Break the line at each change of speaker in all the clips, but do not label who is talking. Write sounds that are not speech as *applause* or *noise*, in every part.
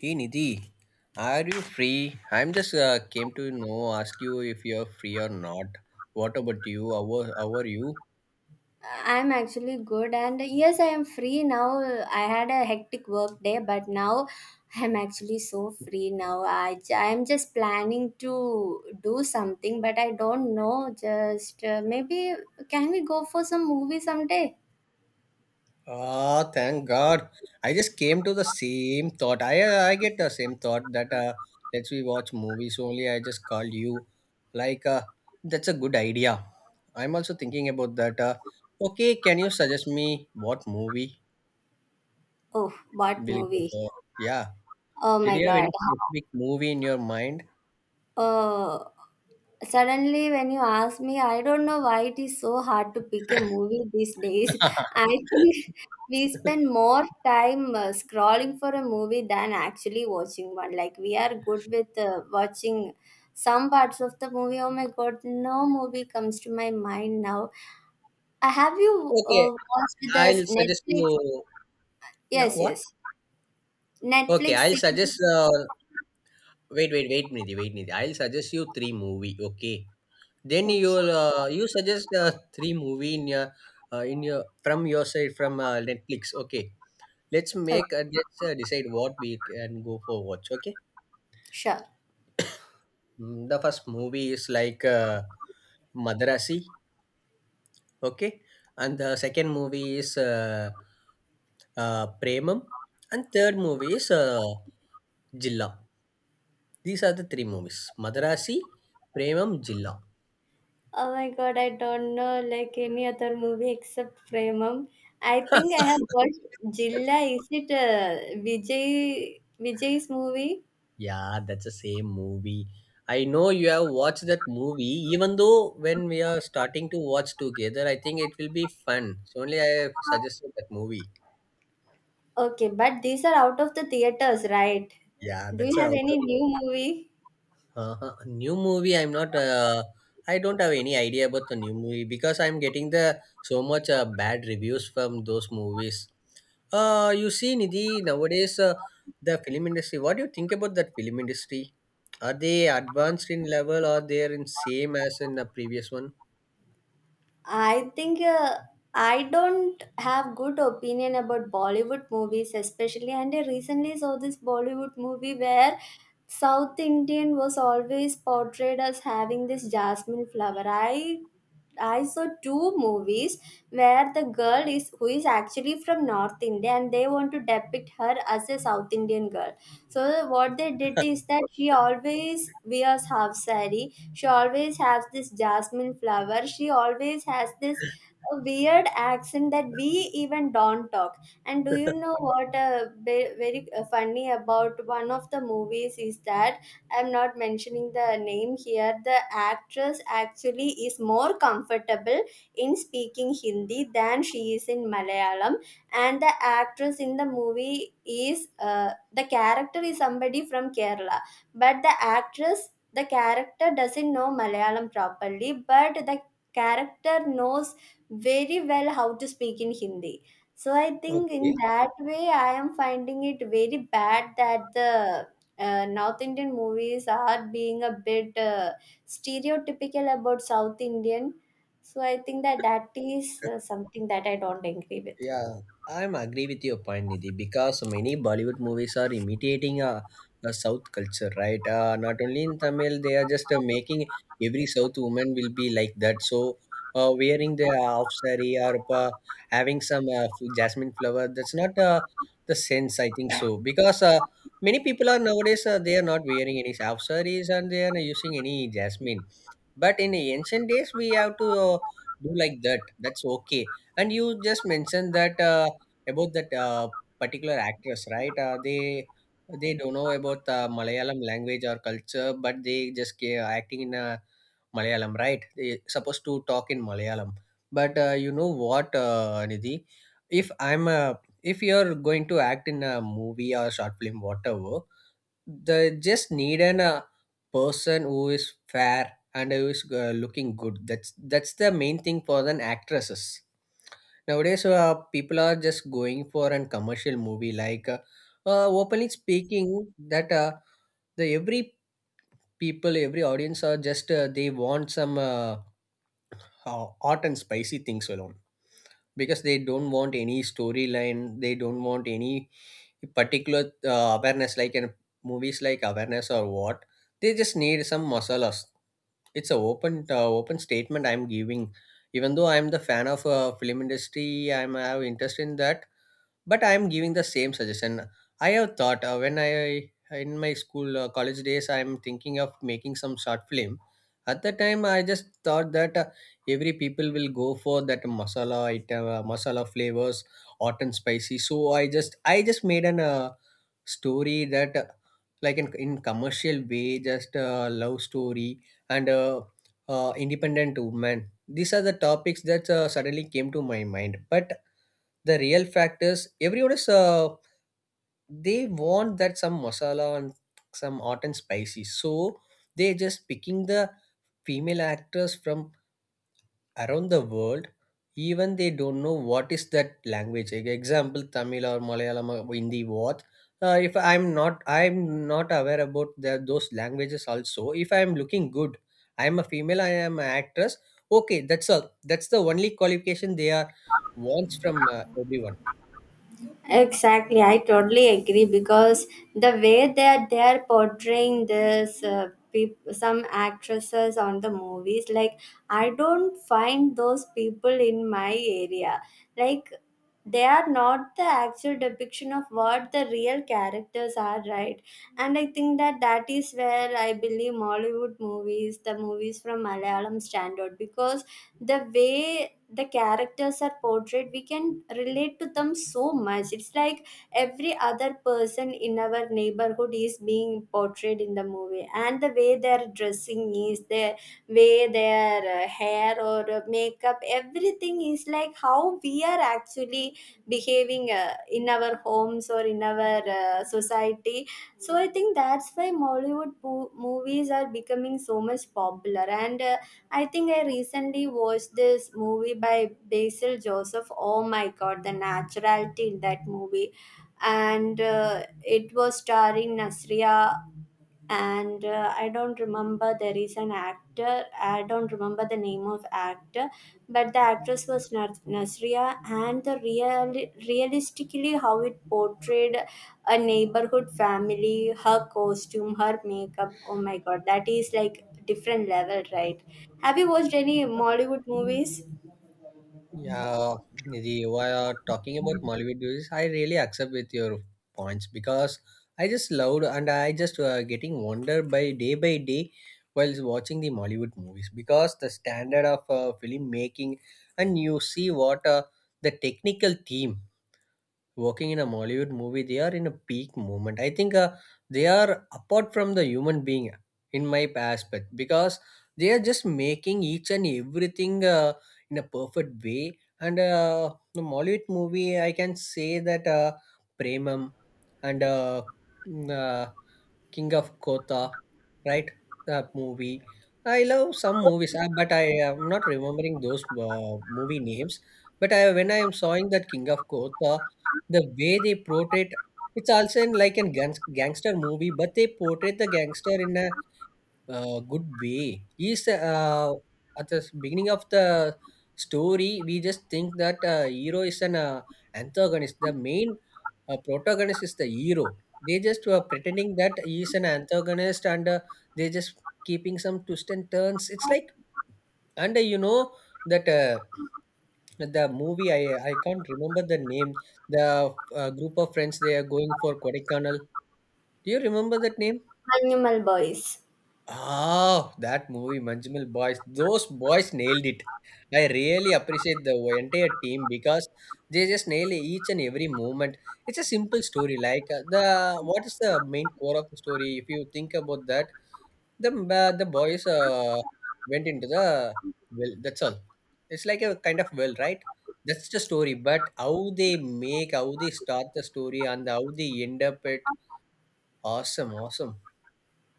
Hey Nidhi, are you free? I'm just came to know ask you if you're free or not. What about you? How are you?
I'm actually good, and yes, I am free now. I had a hectic work day, but now I'm actually so free now. I'm just planning to do something, but I don't know. Just Maybe can we go for some movie someday?
Ah, thank God. I just came to the same thought. I get the same thought that let's we watch movies only. I just called you. Like uh, that's a good idea. I'm also thinking about that. Okay, can you suggest me what movie
Oh, what
will go
movie?
for? Yeah.
Oh
Did
my
you have
god.
any specific movie in your mind?
Uh, Suddenly when you ask me, I don't know why it is so hard to pick a movie these days. *laughs* I think
*laughs*
we spend more time scrolling for a movie than actually watching one. Like we are good with watching some parts of the movie. Oh my god, no movie comes to my mind now. Have you
Okay,
watched
I'll
the
suggest
Netflix?
you. Yeah,
Yes,
what?
yes.
Okay,
Netflix
I'll
series.
suggest. Wait, wait, wait, Nidhi, wait, Nidhi. I'll suggest you three movie. Okay, then
Okay.
you suggest three movie in your from your side from Netflix. Okay,
Oh,
let's decide what we can go for watch. Okay,
sure.
The first movie is like Madrasi. Okay, and the second movie is Premam, and third movie is Jilla. These are the three movies Madarasi, Premam, Jilla.
Oh my god, I don't know like any other movie except Premam. I think I have
*laughs*
watched Jilla. Is it Vijay's movie?
Yeah, that's the same movie. I know you have watched that movie, even though when we are starting to watch together, I think it will be fun. So only I have suggested that movie.
Okay, but these are out of the theaters, right?
Yeah,
Do
that's
you have
how.
any new movie?
Uh-huh. New movie, I'm not. I don't have any idea about the new movie because I'm getting the so much bad reviews from those movies. You see, Nidhi, nowadays, the film industry. What do you think about that film industry? Are they advanced in level or they're in same as in the previous one?
I think uh, I don't have good opinion about Bollywood movies, especially. And I recently saw this Bollywood movie where South Indian was always portrayed as having this jasmine flower. I saw two movies where the girl is who is actually from North India and they want to depict her as a South Indian girl. So what they did is that she always wears half sari. She always has this jasmine flower. She always has this weird accent that we even don't talk. And do you know
*laughs*
what very funny about one of the movies is that I'm not mentioning the name here. The actress actually is more comfortable in speaking Hindi than she is in Malayalam, and the actress in the movie is the character is somebody from Kerala, but the actress, the character doesn't know Malayalam properly, but the character knows very well how to speak in Hindi. So I think in
Okay.
that way I am finding it very bad that the North Indian movies are being a bit stereotypical about South Indian. So I think that is something that I don't agree with.
Yeah, I'm agree with your point, Nidhi, because many Bollywood movies are imitating the South culture, right? Not only in Tamil, they are just making every South woman will be like that. So, wearing the half saree or having some jasmine flower, that's not the sense, I think so. Because many people are nowadays, they are not wearing any half sarees and they are not using any jasmine. But in the ancient days, we have to do like that. That's okay and you just mentioned that about that particular actress, right? They don't know about Malayalam language or culture, but they just acting in Malayalam, right? They supposed to talk in Malayalam, but you know what, Nidhi? If I'm a if you're going to act in a movie or short film, whatever, they just need an a person who is fair and who is looking good. That's the main thing for an actresses nowadays. People are just going for an commercial movie like openly speaking that the every people every audience are just they want some hot and spicy things alone because they don't want any storyline, they don't want any particular awareness like in movies like awareness or what, they just need some masalas. It's a open statement I'm giving. Even though I'm the fan of film industry, I'm have interest in that, but I am giving the same suggestion. I have thought when I in my school, college days, I am thinking of making some short film. At the time I just thought that every people will go for that masala item, masala flavors, hot and spicy. So I just I just made an story that, like in commercial way, just love story and independent woman, these are the topics that suddenly came to my mind. But the real fact is everyone is they want that some masala and some hot and spicy. So they just picking the female actors from around the world. Even they don't know what is that language. Like example Tamil or Malayalam or Hindi what. If I'm not I'm not aware about the, those languages also. If I'm looking good, I'm a female, I am an actress. Okay, that's all. That's the only qualification they are wants from everyone.
Exactly, I totally agree because the way that they are portraying this, some actresses on the movies, like I don't find those people in my area. Like they are not the actual depiction of what the real characters are, right? And I think that is where I believe Mollywood movies, the movies from Malayalam, stand out because the way the characters are portrayed, we can relate to them so much. It's like every other person in our neighborhood is being portrayed in the movie, and the way they're dressing is their way, their hair or makeup, everything is like how we are actually behaving in our homes or in our society. So I think that's why movies are becoming so much popular. And I think I recently watched this movie by Basil Joseph. Oh my god, the naturality in that movie. And it was starring Nasria. And I don't remember, there is an actor, I don't remember the name of actor, but the actress was Nasria, and the realistically how it portrayed a neighborhood family, her costume, her makeup, oh my god, that is like different level, right? Have you watched any Mollywood movies?
Yeah, Nidhi, while talking about Mollywood movies, I really accept with your points because I just loved and I just getting wonder by day while watching the Mollywood movies because the standard of film making, and you see what the technical team working in a Mollywood movie, they are in a peak moment. I think they are apart from the human being in my aspect because they are just making each and everything in a perfect way. And the Mollywood movie, I can say that Premam and mm, uh, King of Kotha, right? That movie. I love some movies, but I am not remembering those movie names. But I, when I am sawing that King of Kotha, the way they portrayed, it's also in like a gangster movie, but they portrayed the gangster in a good way. He's at the beginning of the story, we just think that hero is an antagonist. The main a protagonist is the hero. They just were pretending that he is an antagonist, and they just keeping some twists and turns. It's like, and you know that the movie I can't remember the name. The group of friends they are going for Kodaikanal. Do you remember that name?
Animal boys.
Oh, that movie, Manjumal Boys. Those boys nailed it. I really appreciate the entire team because they just nail each and every moment. It's a simple story. The what is the main core of the story? If you think about that, the boys went into the well. That's all. It's like a kind of well, right? That's the story. But how they make, how they start the story, and how they end up it. Awesome, awesome.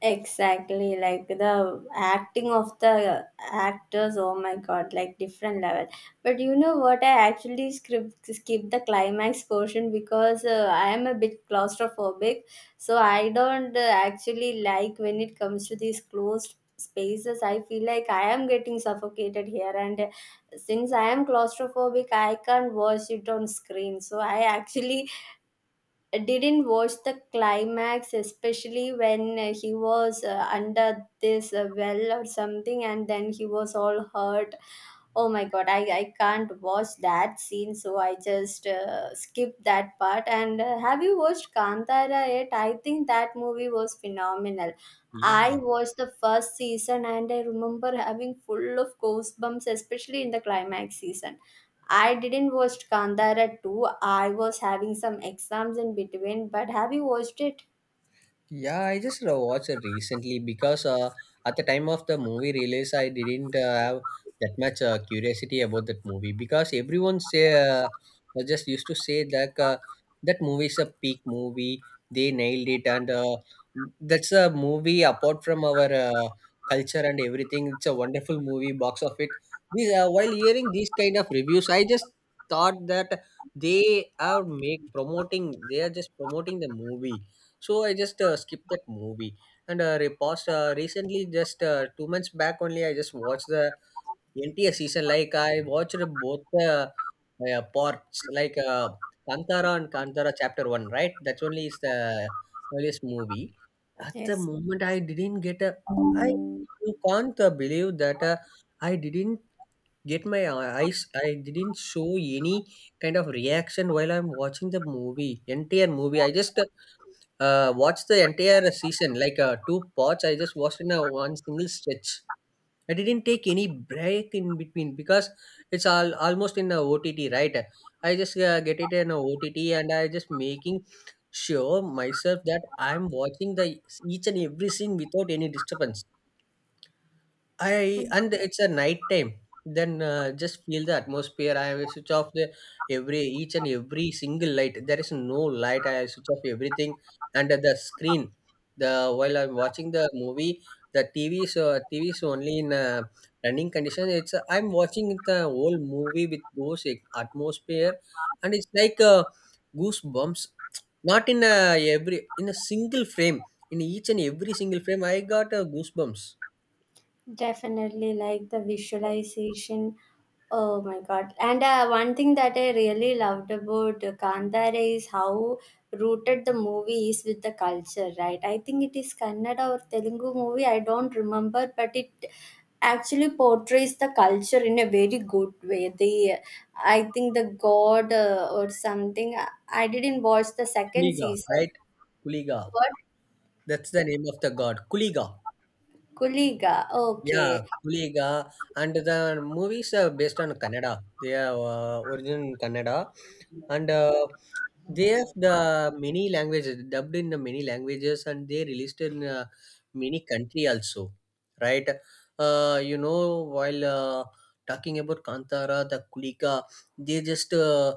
Exactly, like the acting of the actors, oh my god, like different level. But you know what? I actually skip the climax portion because I am a bit claustrophobic, so I don't actually like when it comes to these closed spaces. I feel like I am getting suffocated here, and since I am claustrophobic, I can't watch it on screen. So I actually didn't watch the climax, especially when he was under this well or something, and then he was all hurt. Oh my god, I can't watch that scene. So I just skipped that part. And have you watched Kantara yet? I think that movie was phenomenal. I
Yeah.
watched the first season and I remember having full of goosebumps, especially in the climax season. I didn't watch Kandara 2. I was having some exams in between, but have you watched it?
Yeah, I just watched it recently because at the time of the movie release, I didn't have that much curiosity about that movie because everyone say was just used to say that that movie is a peak movie. They nailed it, and that's a movie apart from our culture and everything. It's a wonderful movie. Box of it. These, while hearing these kind of reviews, I just thought that they are make promoting. They are just promoting the movie, so I just skipped that movie and repost recently just 2 months back only I just watched the entire season. Like I watched both the parts, like Kantara and Kantara chapter 1, right? That's only is the earliest movie at the
Yes.
moment. I didn't get a I you can't believe that I didn't get my eyes, I didn't show any kind of reaction while I'm watching the movie, entire movie. I just watch the entire season, like two parts. I just watched in a one single stretch. I didn't take any break in between because it's all almost in a OTT, right? I just get it in a OTT, and I just making sure myself that I'm watching the each and every scene without any disturbance. I and it's a night time. Then just feel the atmosphere. I will switch off the every each and every single light. There is no light. I switch off everything and the screen. The while I'm watching the movie, the TV. So TV is only in running condition. It's I'm watching the whole movie with those atmosphere, and it's like goosebumps. Not in every in a single frame. In each and every single frame, I got goosebumps.
Definitely like the visualization. Oh my god. And one thing that I really loved about Kandare is how rooted the movie is with the culture, right? I think it is Kannada or Telugu movie, I don't remember, but it actually portrays the culture in a very good way. The I think the god or something. I didn't watch the second
Kuliga,
season.
right? Kuliga.
What?
That's the name of the god. Kuliga.
Kuliga.
Yeah,
Okay.
Puliga, and the movies are based on Kannada. They are origin in Kannada, and they have the many languages dubbed in the many languages, and they released in many country also, right? You know, while talking about Kantara, the Kuliga, they just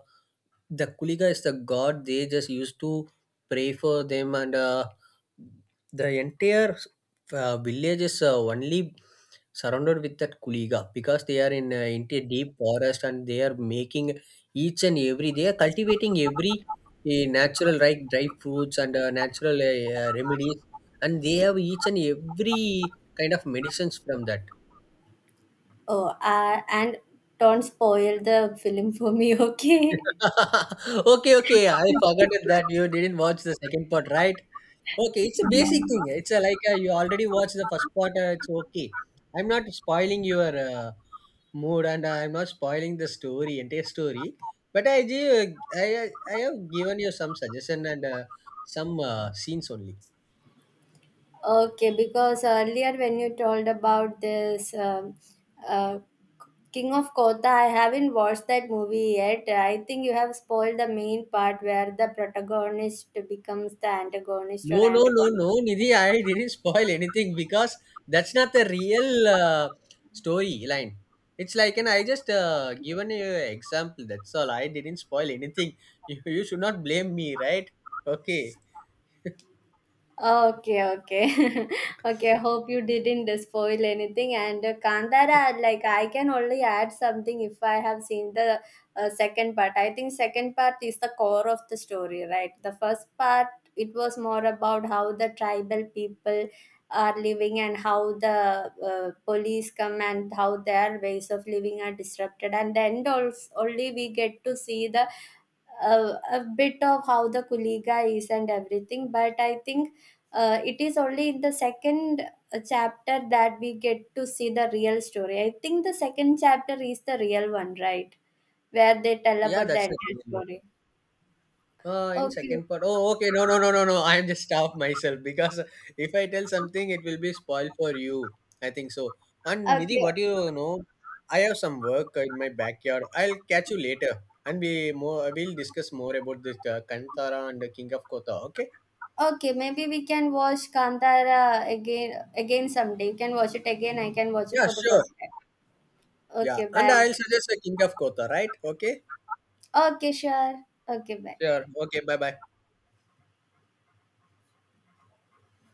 the Kuliga is the god. They just used to pray for them, and the entire villages only surrounded with that kuliga because they are in into a deep forest, and they are making each and every they are cultivating every natural right dry fruits and natural remedies, and they have each and every kind of medicines from that.
Oh, and don't spoil the film for me, *laughs* okay?
*laughs* Okay, okay, I forgot that you didn't watch the second part, right? Okay, it's a basic thing. It's a, like uh, you already watched the first part. It's okay. I'm not spoiling your mood, and I'm not spoiling the story, entire story. But I give I I have given you some suggestion and some scenes only.
Okay, because earlier when you told about this uh, King of Kotha, I haven't watched that movie yet. I think you have spoiled the main part where the protagonist becomes the antagonist
No,
or
no, no,
antagonist.
no, Nidhi, I didn't *laughs* spoil anything because that's not the real uh, story line. It's like, and I just given you an example, that's all. I didn't spoil anything. *laughs* You should not blame me, right? Okay.
Okay, okay. *laughs* Okay, I hope you didn't spoil anything. And Kantara, like, I can only add something if I have seen the second part. I think second part is the core of the story, right? The first part, it was more about how the tribal people are living and how the police come and how their ways of living are disrupted. And then also, only we get to see the a, a bit of how the Kuliga is and everything, but I think it is only in the second chapter that we get to see the real story. I think the second chapter is the real one, right? Where they tell
Yeah,
about the
that's the
entire
real.
story.
In
Okay,
second part. Oh, okay. No, no, no, no, no. I am just off myself because if I tell something, it will be spoiled for you. I think so. And Nidhi,
okay,
what do you know? I have some work in my backyard. I'll catch you later, and we more we'll discuss more about this Kantara and the King of Kotha. Okay?
okay. Maybe we can watch Kantara again someday. You can watch it again. I can watch it
Yeah,
for the
sure.
first time.
Yeah,
Okay,
and
bye.
I'll suggest the King of Kotha, right? Okay.
Okay, sure. Okay, bye.
Sure. Okay. Bye, bye.